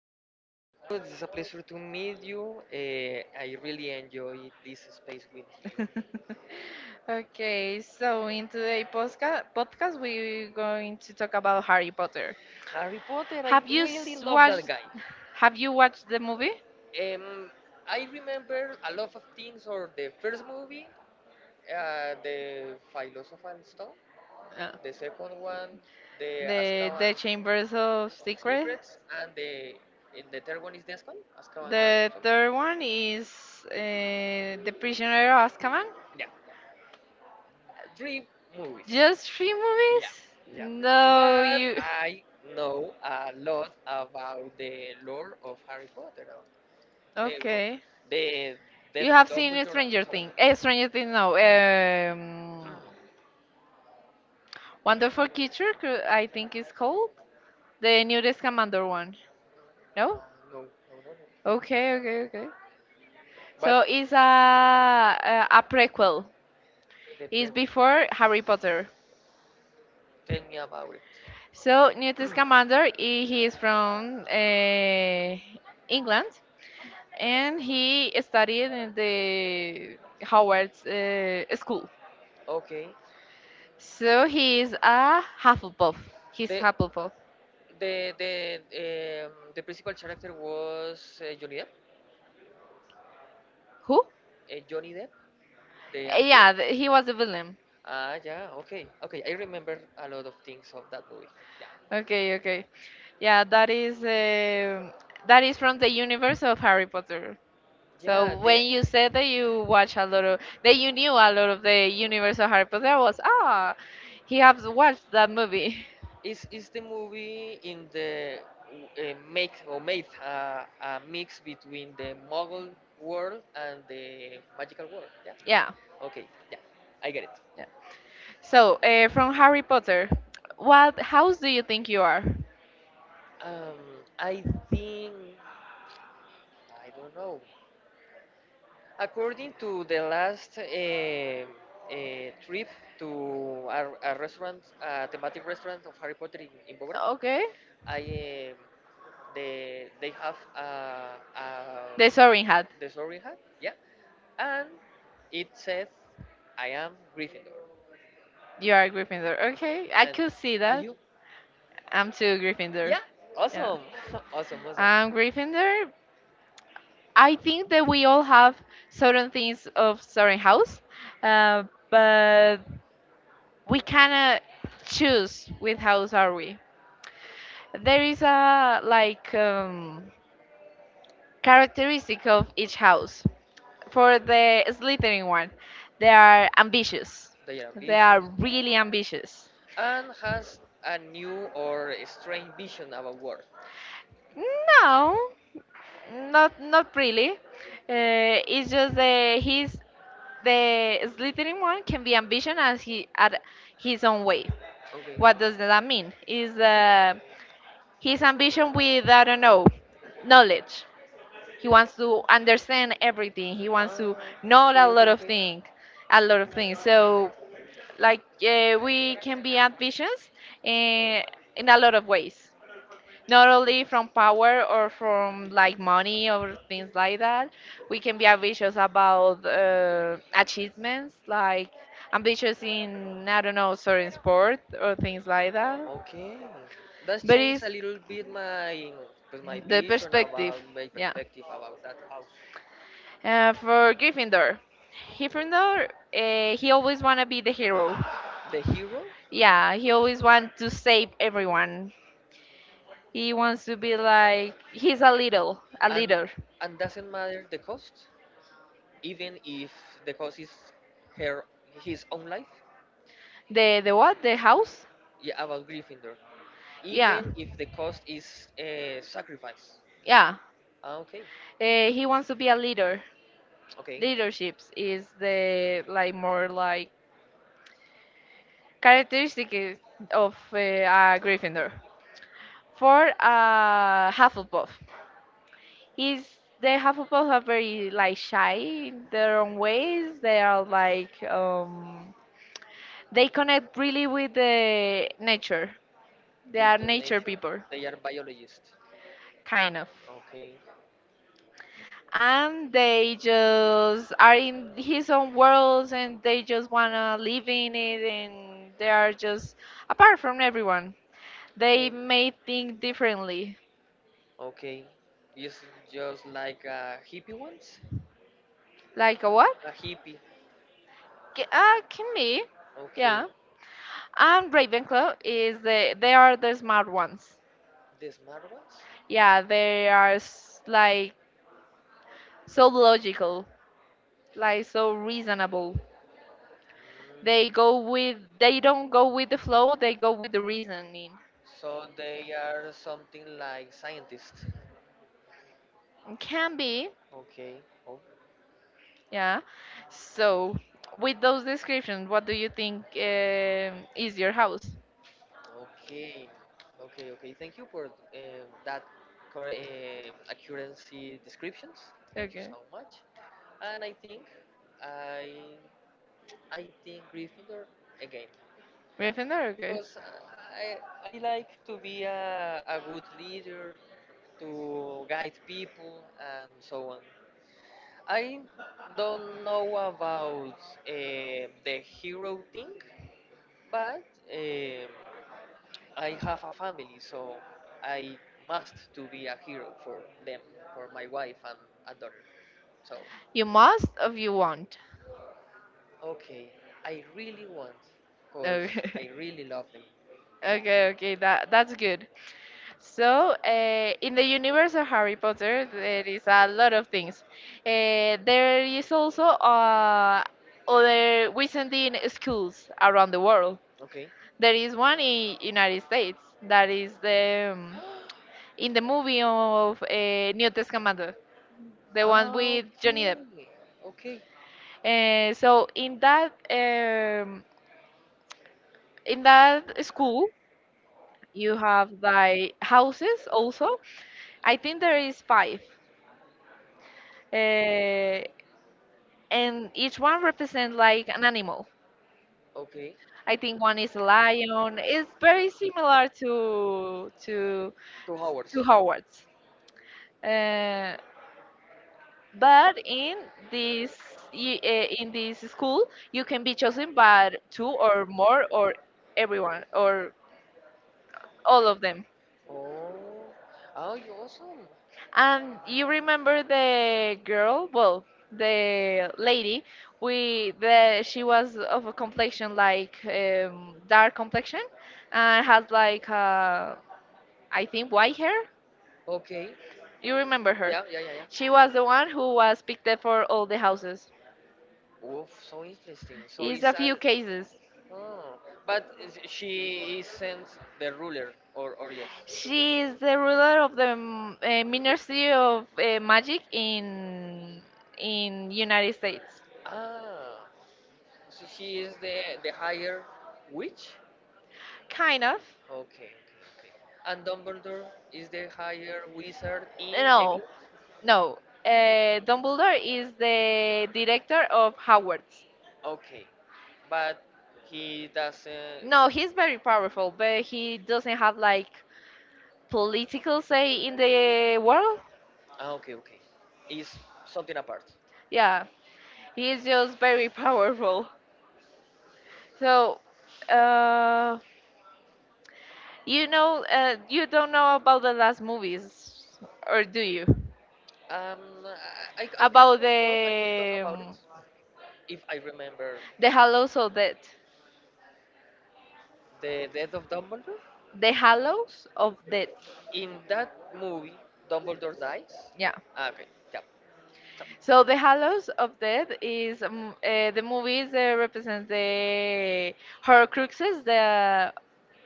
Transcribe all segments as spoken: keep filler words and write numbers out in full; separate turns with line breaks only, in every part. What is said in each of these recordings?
fine. Now it's a pleasure to meet you. Uh, I really enjoy this space with you. Okay,
Okay,
so
so
in
in
the
today's podcast,
podcast, podcast
podcast
we
we're
want
going
to
to
talk
talk
about
about Harry
Harry Potter.
Potter.
Harry Potter, I
Have
Have
you
you really
s-
love watched? That
watched?
guy.
Have you watched the movie?
Have Um, I remember a lot of things or the first movie, uh, the Philosopher's Stone,
Uh,
the second one, the
the
Azkaban.
The Chambers of Secrets.
Secrets and the and the third one is this one, Azkaban, no?
The
Something.
third one is uh, The Prisoner of Azkaban.
Yeah, three movies.
Just three
Yeah,
movies?
yeah.
No,
But
you.
I know a lot about the lore of Harry Potter, uh, eh, well,
Okay.
the Death
You have
of
seen
Dumbledore and
Stranger
so on.
Things. Eh, Stranger Things, no. Um, Wonderful Teacher, cou- I think it's called the newest Commander one. No?
Uh, no, no, no, no.
Okay, okay, okay.
But
So it's a a, a prequel.
the
It's
prep,
before Harry Potter.
tell me about it.
So newest Commander, he, he is from uh, England, and he studied in the Howard's uh, school.
Okay.
So he is a Hufflepuff. He's
The
Hufflepuff.
the the um, the principal character was uh, Johnny Depp.
Who?
Uh, Johnny Depp, the
Uh,
actor.
Yeah, th- he was a villain.
Ah, yeah. Okay. Okay. I remember a lot of things of that movie. Yeah.
Okay, okay. Yeah, that is um that is from the universe of Harry Potter. So
Yeah.
when you said that you watch a lot of that
The
you knew a lot of the universe of Harry Potter, I was, ah, he has watched that movie.
Is is the movie in the uh, make or made uh, a mix between the muggle world and the magical world? Yeah.
Yeah,
Okay. Yeah. I get it.
yeah. So uh, from Harry Potter, what house do you think you are?
Um, I think I don't know. According to the last uh, uh, trip to a, a restaurant, a thematic restaurant of Harry Potter in, in Bogota,
Okay.
I um, They they have a, a
The Soaring Hat.
the sorry hat, yeah, and it says, "I am Gryffindor,"
You are Gryffindor. Okay, I
and
could see
are
that.
you?
I'm too Gryffindor.
Yeah,
Yeah.
awesome, awesome, awesome.
I'm Gryffindor. I think that we all have certain things of certain house, uh, but we cannot choose which house are we. There is a like um, characteristic of each house. For the Slytherin one, they are ambitious.
They are
They are
vision
really ambitious.
and has a new or strange vision about world.
No, not not really. Uh, it's just that he's the slithering one can be ambitious as he at his own way.
Okay.
What does that mean? Is
His
uh, his
ambition
ambition
with
with I
that
don't know
road, knowledge,
knowledge. He
was
wants to
to
understand
understand
everything.
everything,
He
Ah.
wants to know
know
a
okay, a okay, lot okay,
lot
of
of
okay. things,
things,
a
a lot
lot
of
of things.
things. So
So,
like
like, yeah,
uh, we
we
can be
took
ambitious uh, in a
uh,
lot of ways, not
not
only
only from
from
color
power
or
or
from
from
like
like money
money or
or
from
things
things
like
like that,
that.
we
We can be ambitious about uh,
have uh,
achievements, like
ambition
ambitious
in
in I don't know
natural
certain
resource board.
sport or things like that.
Okay, that's
But
changed
it's
a little bit my pues my
the
vision
perspective,
about my
yeah,
perspective about that house.
uh, for Gryffindor. Gryffindor, uh, he always wanna be the hero.
The hero
Yeah, he always want to save everyone. He wants to be like he's a little, a
and
leader.
and doesn't matter the cost, even if the cost is her his own life.
The the what? The house?
Yeah, about Gryffindor.
Yeah,
Even if the cost is a sacrifice.
yeah.
Ah, okay,
Uh, he wants to be a leader.
okay.
Leaderships is the like more like characteristic is- of uh, a Gryffindor. For a Hufflepuff, is the Hufflepuff are very like shy in their own ways. They are like um, they connect really with the nature. They
With
are
the
nature
nature,
people,
they are biologists.
kind of.
Okay.
And they just are in his own worlds, and they just wanna live in it, and they are just apart from everyone. They
Okay.
may think differently,
Okay. Is it just like uh, hippie ones? Like
like a
what?
what.
A hippie. Yeah,
K- uh, can be,
okay. Yeah. Okay.
yeah.
so.
And Ravenclaw is the
They
they
are
are
the
the
smart
smart ones.
The smart ones? Yeah,
Yeah,
they
they
are
are s-
like
like so
so logical,
logical,
like
like so
so reasonable.
reasonable.
Mm.
they
They
go
go with
with they
the
don't go
flow,
with the flow,
they
they go
go with
with
the
the reasoning.
reasoning. So they are something like scientists. Yeah.
Can be.
Okay. Oh.
Yeah.
So
So, with those descriptions, what do you think um is your house?
Okay, okay, okay. Thank you for um, that cor- um accuracy descriptions. Thank you so
Okay.
much. And I think I I think Gryffindor again. Yeah,
Gryffindor? Okay.
because I I like to be a, a good leader to guide people and so on. I don't know about um the hero thing, but um, I have a family, so I must to be a hero for them, for my wife and, and daughter. So,
You must or you want?
okay, I really want, cause
Okay.
I really love them. Yeah.
Okay, okay, that that's good. So, uh, in the universe of Harry Potter, there is a lot of things. Uh, there is also uh, other wizarding schools around the world.
Okay.
There is one in United States that is the um, in the movie of uh, New Testamento, the one
Ah,
with Johnny Depp.
okay. Okay.
Uh, so in that um, in that school, you have like houses also. I think there is five, uh, and each one represents like an animal.
Okay.
I think one is a lion. It's very similar to to
Two
to
hours.
Howard's. Uh, But in this y- eh, in this school, you can be chosen by two or more, or everyone, or all of them.
Oh. Oh, you awesome.
And you remember the girl, well, the lady, we the she was of a complexion like um, dark complexion, and had like uh, I think white hair.
Okay.
You remember her?
Yeah, yeah, yeah, yeah.
She was the one who was picked up for all the houses.
Oof, so interesting. So
It's
it's
a
a
few cases.
Ah, but is- she isn't the ruler, or or yes?
She is the ruler of the mm, uh, Ministry of uh, Magic in in United States.
Ah, so she is the the higher witch.
Kind of.
Okay, okay, okay. And Dumbledore is the higher wizard in No,
No,
England. No,
no. Uh, Dumbledore is the director of Hogwarts.
Okay, but he doesn't.
No,
No.
he's very powerful, but he doesn't have like political say in the world.
Ah, okay, okay. Is something apart.
Yeah, he is just very powerful. So,
Well,
uh, you know, uh, you don't know about the last movies, or do you?
Um, I, I, I I
About
could talk. I could talk
the
about it
um,
if I remember the
the Hallows of Death.
death of Dumbledore.
The Hallows of Death.
Yes, In that movie, Dumbledore dies.
Yeah.
Yes, Ah, okay. Yeah. So,
So the Hallows of
yes.
Death is um, uh, the movies that represent the Horcruxes that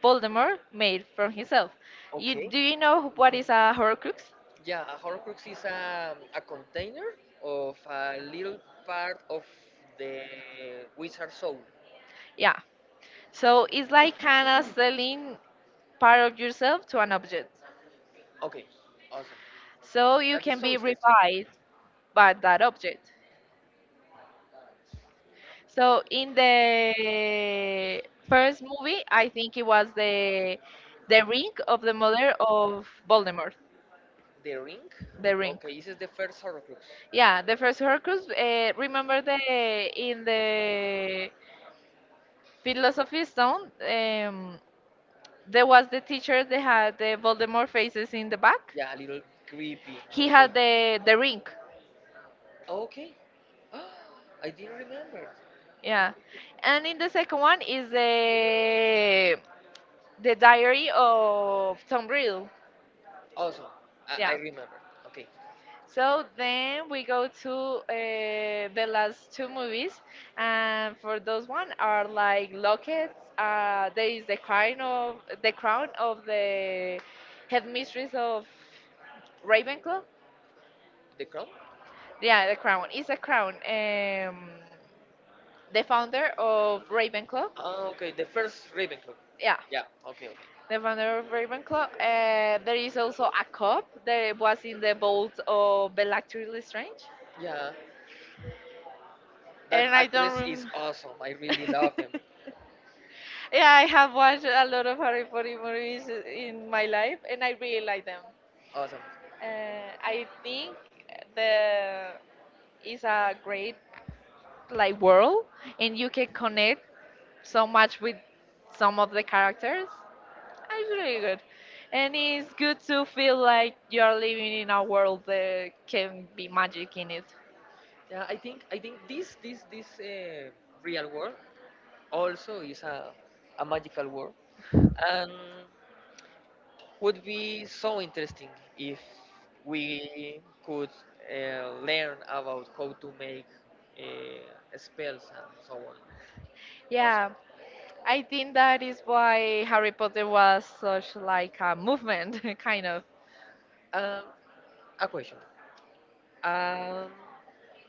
Voldemort made from himself. You
okay.
Do you know what is a Horcrux?
Yeah, a horcrux is a, a container of a little part of the wizard soul. Yeah.
Yeah. So it's like kind of selling part of yourself to an object.
Okay, awesome.
So you
That is
can
so
be
interesting.
revived, but that object. So in the first movie, I think it was the the ring of the mother of Voldemort,
The ring?
the ring.
Okay, this is the first Horcrux.
Yeah, the first Horcrux. Uh, remember the in the Philosophy Stone, um, there was the teacher that had the Voldemort faces in the back.
Yeah, a little creepy.
He
Okay.
had the the ring.
Okay. I didn't remember.
Yeah, and in the second one is the the diary of Tom Riddle.
Also, I, I
Yeah.
remember. Okay.
So then we go to uh, the last two movies, and for those one are like Lockets. Uh, there is the crown of the crown of the headmistress of Ravenclaw.
The crown?
Yeah, the crown is a crown. Um, the founder of Ravenclaw.
Ah, okay. The first Ravenclaw.
Yeah,
Yeah. Okay.
the founder of Ravenclaw.
Okay.
Uh, there is also a cup that was in the vault of Bellatrix Lestrange,
Yeah, that
and I don't
actress is awesome. I really
remember.
love them.
Yeah, I have
Yeah,
watched a lot of Harry Potter movies in my life, and I
really
really like
like
them.
Awesome.
Uh, I think the is a great
Like
like world, and you can connect so much with some of the characters. It's
really
really
awesome.
good, and it's good to feel like you're living in a world that can be magic in it.
Yeah, I think I think this this this uh, real world also is a a magical world and would be so interesting if we could uh, learn about how to make uh, spells and so on. Awesome.
Yeah, I think that is why Harry Potter was such like a movement, kind of.
Um, a question. Um,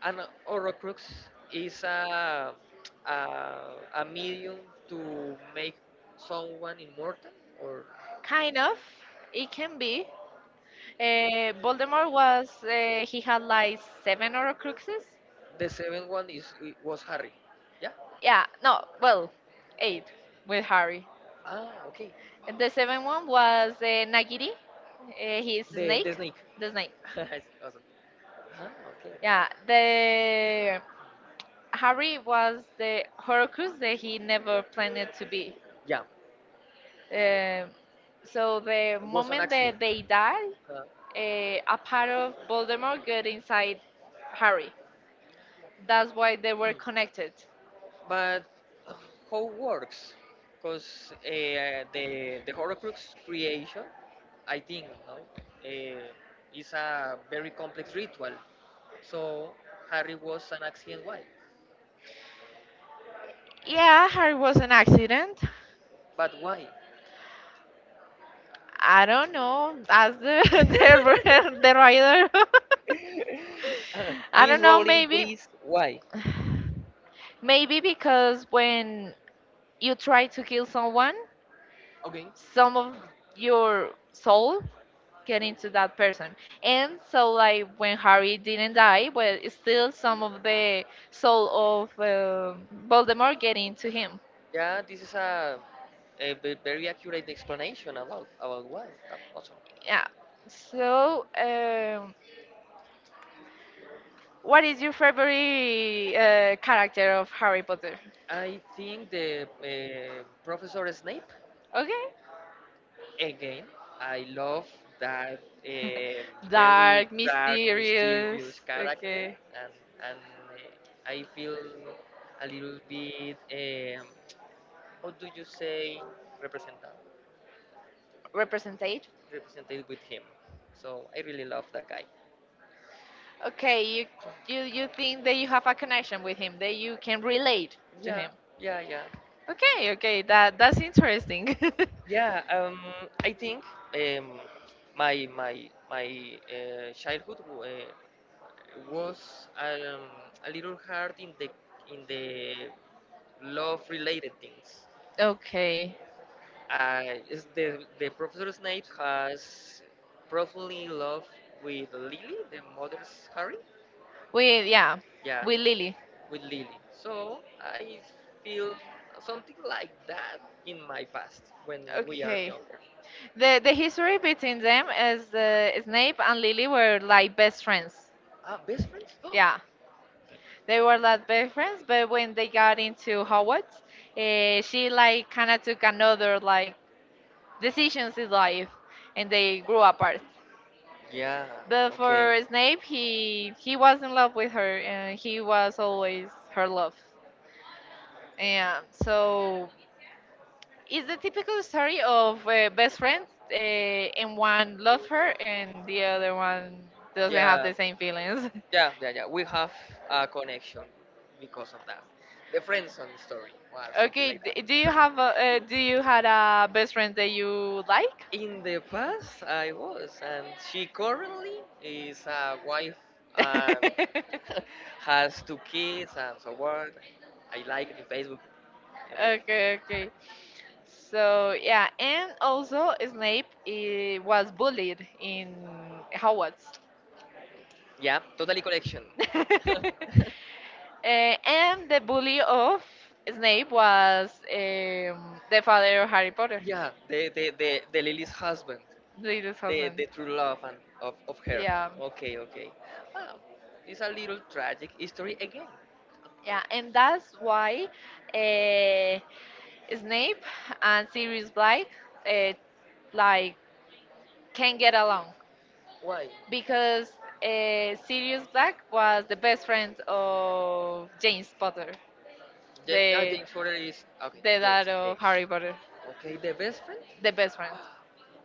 An Horrocrux is a, a a medium to make someone immortal, or
Kind of. It can be. Uh, Voldemort was, uh, he had like seven Horcruxes.
the seventh one is I- was Harry. Yeah.
Yeah, no, well, eight with Harry.
Ah, okay.
And The seventh one was uh, Nagiri, uh, his
The
snake,
the snake.
the snake.
awesome. Ah,
Yeah, the
okay.
Harry was the Horcrux that he never planned to be.
Yeah,
Um so the
it was an
moment
accident.
that they die,
Uh,
uh, a part of Voldemort got inside Harry. That's why they were connected.
but how works? Because uh, the the Horcrux creation, I think, no, uh, is a very complex ritual. So Harry was an accident. Why?
Yeah, Harry was an accident.
But why?
I don't know. As the the, the rider. I
Miss
don't know.
Rowling,
Maybe,
please. Why?
maybe because when you try to kill someone,
Okay.
some of your soul get into that person, and so like when Harry didn't die, well, it's still some of the soul of uh, Voldemort get into him.
Yeah, this is a, a ve- very accurate explanation about about why. That's awesome.
Yeah. So. Um, What is your favorite uh, character of Harry Potter?
I think the uh, Professor Snape.
Okay.
Again, I love that um, very
Dark,
dark,
mysterious.
mysterious character,
Okay.
and and uh, I feel a little bit. Um, how do you say represented?
Represented.
Represented with him. So I really love that guy.
Okay, you you you think that you have a connection with him, that you can relate to
Yeah,
him.
yeah, yeah.
Okay, okay, that that's interesting.
Yeah, um, I think um, my my my uh, childhood uh, was um, a little hard in the in the love related things.
Okay.
Uh, is the the Professor Snape has profoundly in love with Lily, the mother's Harry.
We Yeah,
Yeah,
with Lily.
with Lily. So I feel something like that in my past when we are
Okay.
younger.
The the history between them is uh, Snape and Lily were like best friends.
Ah, best friends?
Yeah. They were like best friends, but when they got into Hogwarts, uh, she like kind of took another like decisions in life, and they grew apart.
Yeah,
But
okay.
for Snape, he he was in love with her, and he was always her love. And so it's the typical story of uh, best friends, uh, and one loves her, and the other one doesn't have
Yeah,
the same feelings.
yeah, yeah, yeah. We have a connection because of that. The friend zone story or something
Okay,
like
d- do you
that.
have a, uh, do you had a best friend that you like?
In the past, I was, and she currently is a wife and
Okay,
has two kids and so on. I like it in Facebook. En fin.
okay. So yeah, and also Snape, eh, was bullied in Hogwarts.
Yeah, totally collection.
Eh, and the bully of Snape was um, the father of Harry Potter,
Yeah, the the the, the Lily's husband,
Lili's
the
husband.
the true love and of of her.
Yeah,
Okay, okay. Wow, it's a little tragic history again.
yeah, and that's why uh, Snape and Sirius Black uh, like can not get along.
Why?
Because uh, Sirius Black was the best friend of James Potter,
James, ah,
the
James Porter is okay.
the
James,
dad of
James.
Harry Potter,
Okay, the best friend.
the best friends.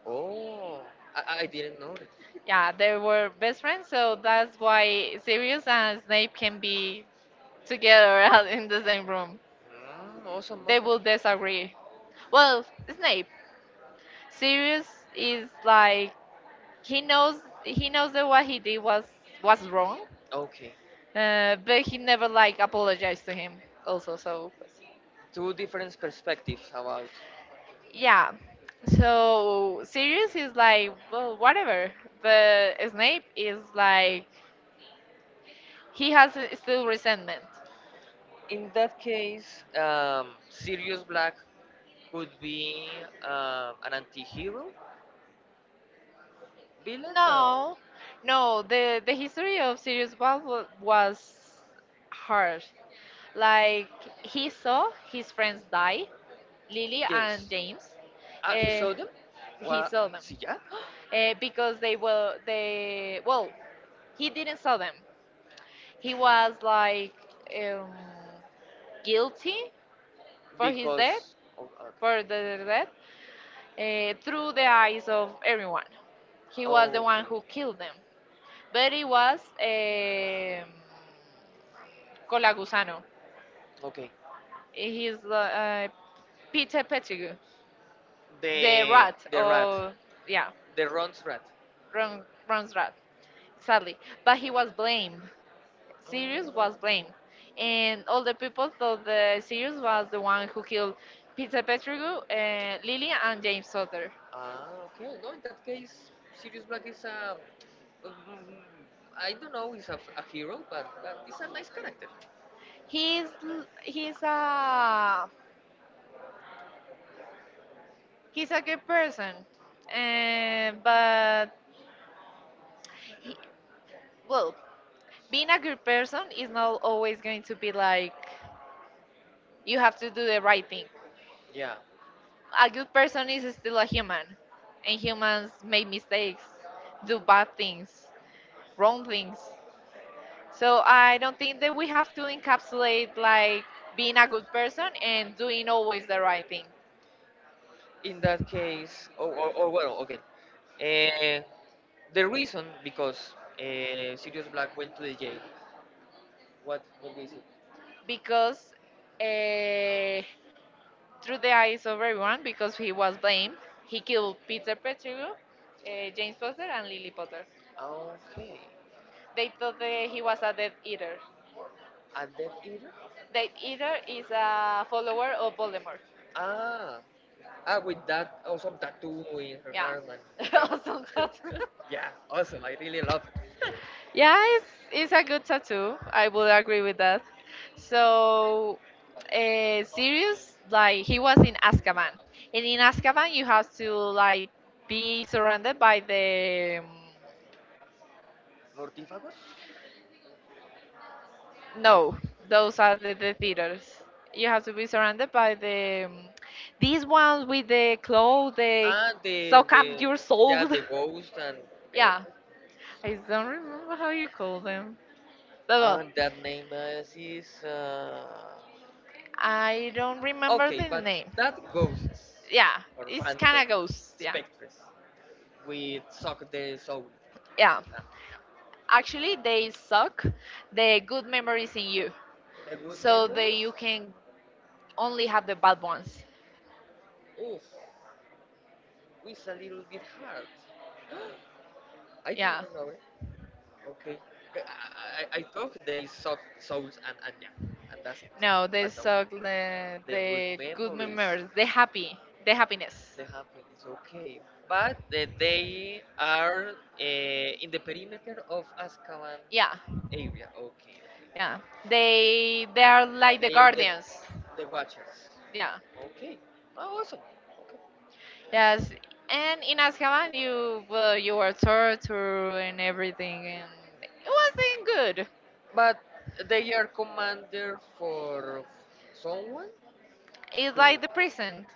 Oh, I, I didn't know that.
Yeah, they were best friends, so that's why Sirius and Snape can be together in the same room.
Mm, awesome,
They
awesome.
will disagree. Well, Snape, Sirius is like he knows he knows that what he did was was wrong,
Okay,
uh, but he never like apologized to him also. So pues,
two different perspectives about.
yeah. So Sirius is like, well, whatever. But Snape is like, he has uh, still resentment.
In that case, um, Sirius Black could be um, an anti-hero? Villain? No.
No, no. The the history of Sirius Black was hard. Like he saw his friends die, Lily and
Yes.
James.
Ah, he
Uh,
saw them?
he
What?
saw them
See ya?
uh, because they were they well he didn't saw them. He was like um, guilty for his death,
Because oh, okay.
for the death, uh, through the eyes of everyone. He
Oh,
was
okay,
the one who
okay.
killed them, but it was um Colagusano.
Okay.
He's uh, uh, Peter Pettigrew, the
The
rat
the rat,
of yeah,
the Ron's rat.
Ron, Ron's rat, exactly. But he was blamed. Sirius was blamed,
Oh.
and all the people thought that Sirius was the one who killed Peter Pettigrew, uh, Lily, and James Sutter.
Ah, okay. No, in that case, Sirius Black is a. mm, I don't know, he's a, a hero, but, but he's a nice character. He's, a,
he's l- he's
uh,
a he's a good
well,
person, and but he, well being a good person is not always going to be like
like
you have to do the right thing.
Yeah.
A good person is still a human, and humans make mistakes, do bad things, wrong things. So I don't think that we have to encapsulate like being a good person and doing always the right thing.
In that case, or, or, or well, okay. Uh, the reason because uh, Sirius Black went to the jail. What what is it?
Because uh, through the eyes of everyone, because he was blamed. He killed Peter Pettigrew, uh, James Potter, and Lily Potter.
Okay.
They thought that he was a Death Eater.
A Death Eater?
Death Eater is a follower of Voldemort.
Ah, ah, with that awesome
Her
tattoo in her
Yeah,
arm and
her
again.
awesome tattoo.
yeah, awesome. I really love
Yeah, it's, it's a good tattoo. I would agree with that. So,
it.
uh, Sirius, like, he was in Azkaban. And in Azkaban, you have to, like, be surrounded by the. Um,
Mortífagos?
No, those are the, the theaters. You have to be surrounded by the um, these ones with the claw. They
Ah, the
suck
the
up your soul.
yeah, the ghost and eh,
Yeah, I don't remember how you call them. But well,
and that name is, is uh,
I don't remember
okay,
the
but
name.
that ghosts
Yeah,
or
it's kind of
phantoms,
ghosts. Yeah,
spectres, we suck the soul.
yeah.
Ah,
Actually, they suck the good memories in you,
The good
so that
memories.
you can only have the bad ones.
Oof. It's a little bit hard. I didn't
Yeah.
know it. Okay. I, I, I thought they sold souls and and yeah, and that's it.
No, they
But no,
suck the
the good
the good
memories,
memories, the happy, the happiness.
the happiness. Okay, but uh, they are uh, in the perimeter of Azkaban
Yeah,
area. Okay, okay.
yeah. They they are like the
They are the
guardians.
the Watchers.
Yeah.
Okay. Oh, awesome.
Yes. And in Azkaban, you well, you were
Okay.
tortured and everything, and it wasn't good.
But they are commander for someone
It's
to.
like the prison.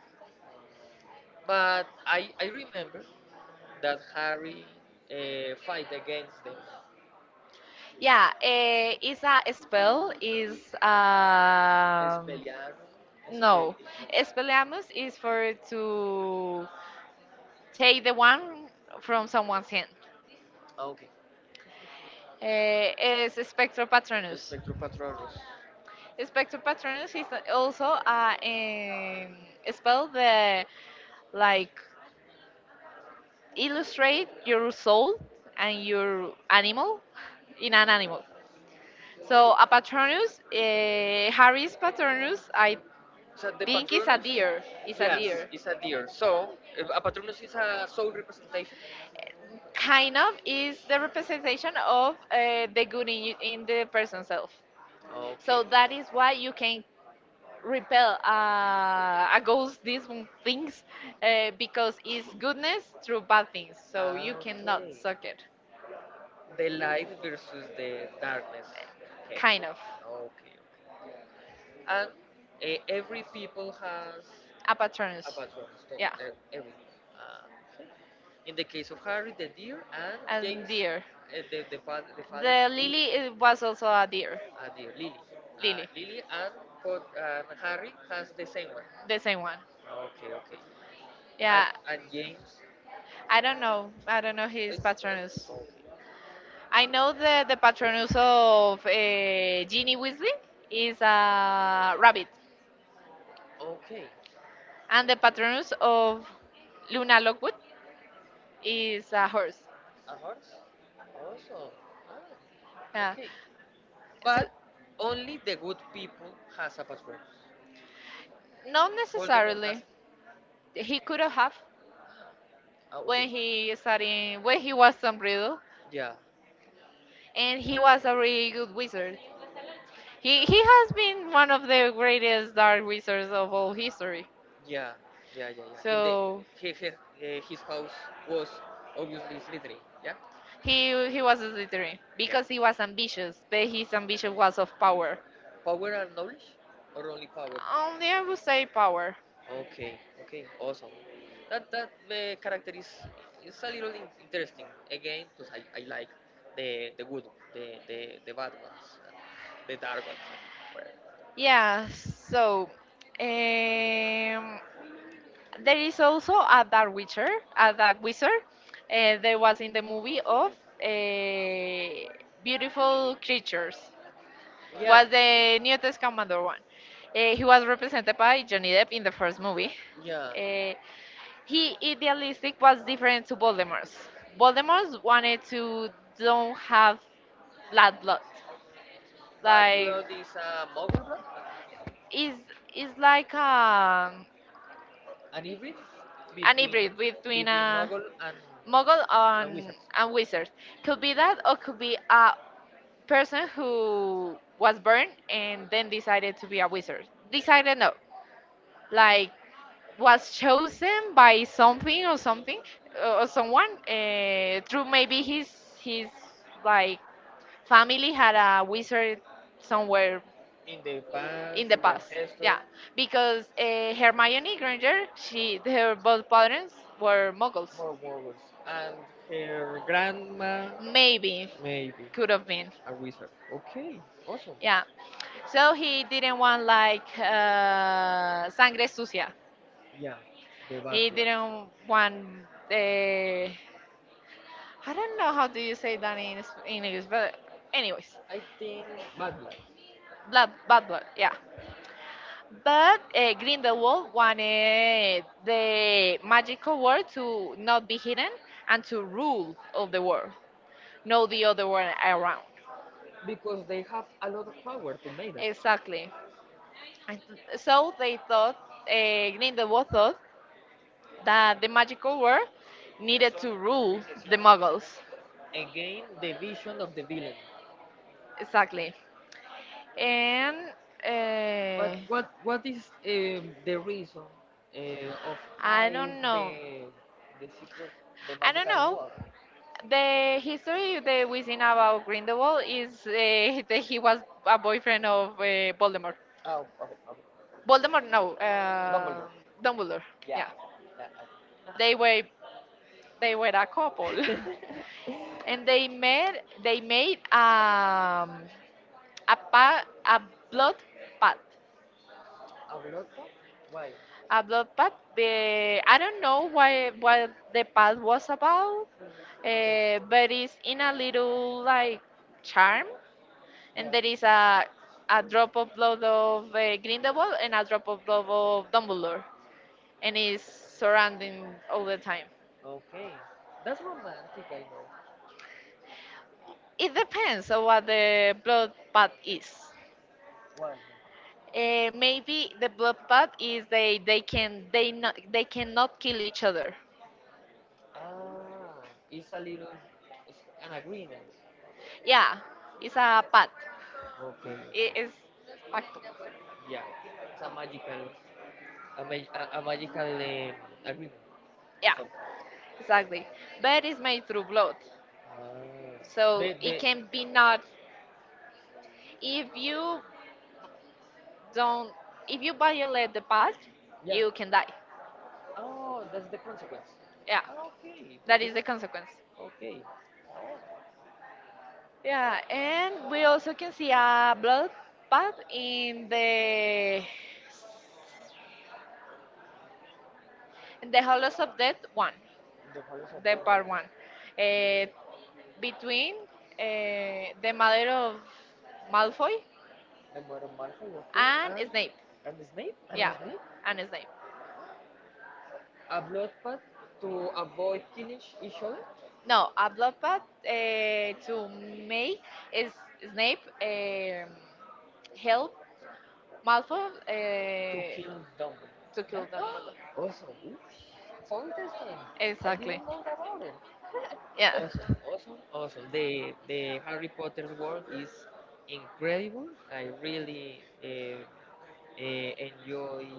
But I, I remember that Harry uh, fight against them.
Yeah. Eh, it's a spell. Is
Les
um.
pelearon, les pelearon.
No, Expelliarmus is for to take the one from someone's hand.
Okay.
Uh, is Spectropatronus.
Spectropathrorus
Spectropatronus is also uh, a um, spell that like illustrate your soul and your animal in an animal. So a Patronus, uh, Harry's Patronus, I
Is that the
think is a
patronus?
deer. Is a
Yes,
deer. It's
it's a
a deer.
deer. So, a patronus is a soul representation.
Kind of is the representation of uh, the good in you, in the person self.
Okay.
So that is why you can repel uh, against these things uh, because it's goodness through bad things. So
Ah,
you cannot
okay.
suck it.
The light versus the darkness. Okay. Okay.
Kind of.
okay. And uh, every people has
A
a
patronus.
bathroom stove.
Yeah.
Uh, every. Uh, in the case of Harry, the deer, and
And
James,
deer.
uh, the, the, father, the father
The lily it was also a deer.
a deer, Lily. Uh,
Lily.
Lily and, but, and Harry has the same one.
The same one.
Okay, okay. And,
Yeah.
and James
I don't know. I don't know his
It's um,
patronus. I know that the patronus of uh, Ginny Weasley is a rabbit,
okay. Okay.
and the patronus of Luna Lovegood is a horse.
A horse? Awesome. Ah,
Yeah,
okay.
so,
But only the good people has a password.
not
Voldemort
necessarily.
doesn't.
He could have
Ah,
when
okay.
he studying when he was Tom Riddle,
Yeah.
and he was a really good wizard. He he has been one of the greatest dark wizards of all history.
Yeah. Yeah. Yeah. Yeah. In the
So
he, he, eh, his house was obviously Slytherin. Yeah.
He he was a Slytherin
Yeah.
because he was ambitious, but his ambition was of power.
Power and knowledge, or only power?
Only I would say power.
Okay, okay, awesome. That that uh, character is is a little in- interesting again because I, I like the the good, the the, the bad ones, and the dark ones. Well,
Yeah. So, um, there is also a dark witcher, a dark wizard. Uh, there was in the movie of uh, Beautiful Creatures.
Yeah,
Was the New Testament one. Uh, he was represented by Johnny Depp in the first movie.
yeah,
Uh, He idealistic was different to Voldemort's. Voldemort wanted to don't have blood blood.
But
Like
blood is a mobile blood,
is is like um
an hybrid
an
between
hybrid between
between
a
Mogul and,
muggle
and
and
Wizards.
and wizard. Could be that or could be a person who was born and then decided to be a wizard. Decided no. Like was chosen by something or something uh, or someone uh, through
Make it
maybe his his
like
like family had a wizard somewhere
in the past,
in the
in the
past.
ancestors.
Yeah,
Yeah, because
because uh,
Hermione
Hermione
Granger,
Granger,
she
she her both parents were muggles.
More warriors. And her grandma,
Maybe
maybe
could have been.
a wizard. Okay, awesome.
Yeah. So he didn't want like uh, sangre sucia.
Yeah, the bad
He
blood.
didn't want the. I don't know how do you say that in Sp- in English, but anyways,
I think bad blood.
blood, bad blood. Yeah. But uh, Grindelwald wanted the magical world to not be hidden and to rule of the world, not the other one around.
Because they have a lot of power to make that.
Exactly.
So
And
they thought
so
they
they thought, uh, Grindelwald
thought
thought
that
that the magical
Hoover
world
needed
needed
to
to rule the
rule
Muggles.
the model. Again, the vision of the villain.
Exactly. And uh,
But what what is um, the reason uh, of
I
hide
don't know.
the the secret, the
I don't
magical
know.
world? The
The
history
history
is
that we
everything
seen
about
about
Grenoble.
Grindelwald is uh,
It
that he
was
was
a
a boyfriend
boyfriend of
of uh,
uh,
Voldemort.
Oh, okay, okay.
Voldemort,
Voldemort, no,
no,
uh,
uh,
Dumbledore. Dumbledore.
Dumbledore. Yeah,
Yeah. yeah, I- uh-huh. They,
they were they were a couple,
they were a- and
and
they
they
met
met. They
they,
made um,
a
a
path,
pa- a
a
blood
blood path.
pact.
A lot of? Why? A
A blood
blood
pact.
path. The,
The,
I
I
don't
don't
know
know
why
why
what
what the
the path
pact was
was.
about,
Mm-hmm. Uh, Okay.
uh,
but
but it's
in
in
a
a
little
little
like
like charm,
child
and there is
Yeah.
a a drop of blood of uh, Grindelwald and a drop of blood of Dumbledore, and it's surrounding all the time.
Okay. That's romantic, I know.
It depends on what the blood path is.
Why? Man?
Uh, maybe the blood path is they they can they not they cannot kill each other.
Ah, it's a little, it's an agreement.
Yeah, it's a path.
Okay, okay.
It is pacto.
Yeah, it's a magical a, ma- a, a magical um, agreement or
Yeah,
Yeah, something.
exactly. But
Exactly.
it's made through blood,
Ah. So
so
They,
it
they
can be not. If you don't, if you violate the past,
yeah.
you can die.
Oh, that's the consequence. Yeah,
Yeah,
Okay, that
that
is
is
it's
the consequence.
okay. Yeah, and just
Yeah, and we
Messiah, well,
also can see a
that
bloodbath
is
in
the,
the in
the
the Hollows
horizon
of Death one,
next The Palace of
the part
Bourbon.
one, uh, between uh, the mother of Malfoy
The murder Malfoy, okay. And,
and Snape.
and the Snape? And
Yeah,
the Snape?
and Snape.
A bloodbath eh, to avoid killing each each
No, a bloodbath uh, to make is Snape um, help
help.
Malfoy
To
eh,
kill zombies.
to
Yeah.
kill Dumbledore.
Awesome. Oof. So interesting. I
Exactly.
didn't know about it.
Yeah.
Awesome, awesome, awesome. The the Harry Potter's world is incredible. I really uh, uh, enjoy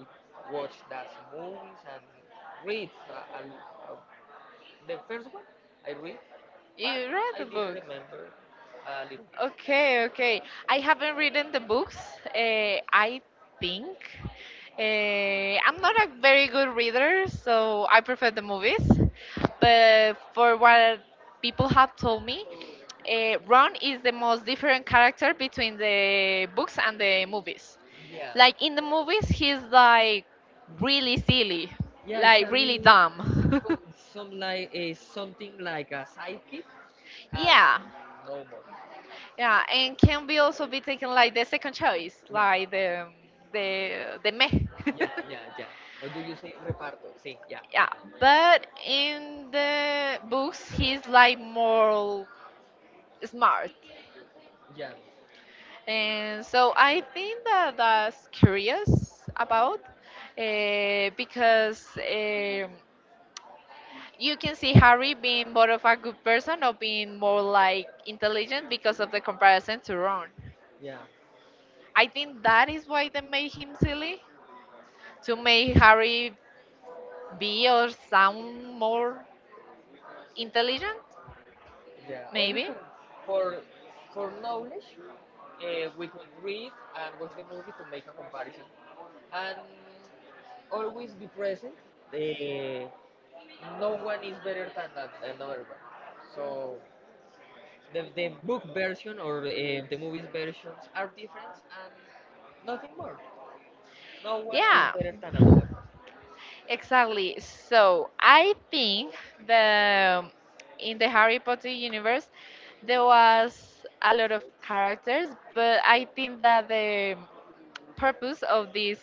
watch those movies and read. Uh, and, uh, the first one I read, but
You read
I
the
didn't
book.
remember a little bit.
Okay, okay. I haven't written the books. Uh, I think uh, I'm not a very good reader, so I prefer the movies. But for what people have told me, uh, Ron is the most different character between the books and the movies.
Yeah.
Like in the movies, he's like really silly,
Yeah, it's
like really
having
dumb.
some like a something like a sidekick and
Yeah,
no more.
yeah, and can be also be taken like the second choice,
Yeah.
like the the the meh.
Yeah, yeah, yeah. Or do you say reparto? Sí, yeah, okay.
Yeah, but in the books he's like more smart,
Yeah. So
and so
I
I
think
think
I
that
about
that's
because you
curious
carried
about, uh,
me
because um, you can see Harry being
one
more
of
of a
the
good
first
person or
topics
being more
like
like intelligent
intelligence
because
because of
of the
the presence.
comparison to Ron.
Yeah. I
I
think
think
that
that is why they made him silly to make Harry be
me or
or sound more intelligent,
Yeah, only
maybe.
to, for for knowledge, uh, we could read and watch the movie to make a comparison, and always be present. The no one is better than that, another one. So the the book version or uh, the movies versions are different and nothing more. No one is
Yeah,
better than another one.
exactly. So I think the in the Harry Potter universe there was a lot of characters, but I think that the purpose of this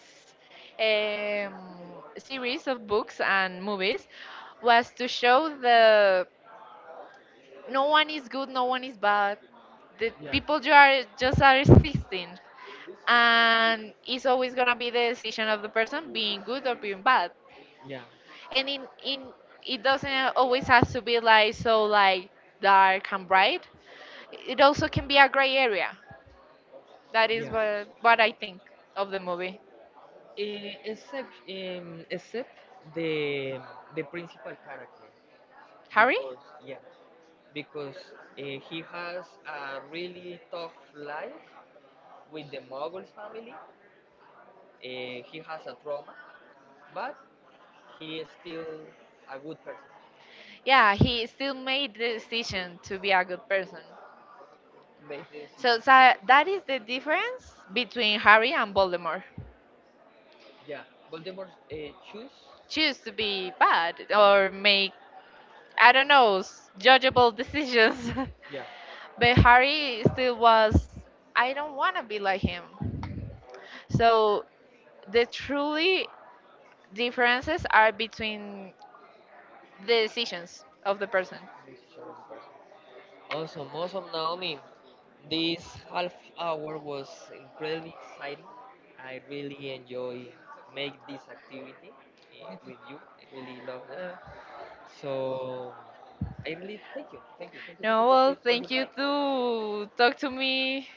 um, series of books and movies was to show the no one is good, no one is bad. The people you are just are existing, and it's always gonna be the decision of the person being good or being bad.
Yeah.
And in in it doesn't always has to be like so like dark and bright. It also can be a gray area. That is
Yeah.
what what I think of the movie.
Yeah. Eh, except um, except the the principal character
Harry?
because yeah because uh, he has a really tough life with the Mughal family. Uh, he has a trauma, but he is still a good person.
Yeah, he still made the decision to be a good person,
Based in
so, so that is the difference between Harry and Voldemort.
Yeah, Voldemort's uh, shoes. She's
Choose to be bad or make, I don't know, s- judgeable decisions.
Yeah,
But Harry still was. I don't want to be like him. So the truly differences are between the decisions of the person.
Also, most of Awesome, awesome, Naomi. This half hour was incredibly exciting. I really enjoy make this activity eh, with you. I really love them.
Uh,
So I really thank you, thank you, thank you
no, well,
for
thank
your
you
time.
to talk to me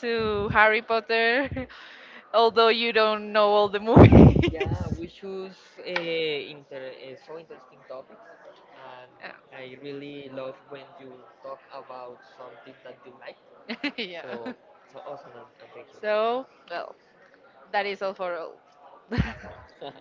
to Harry Potter, although you don't know all the
Yeah,
movies.
we choose uh, inter uh, so interesting topics, and I really love when you talk about something that you like.
Uh, uh, so yeah. Yeah.
So so awesome, and, and thank you.
So, well, that is all for all.
Awesome.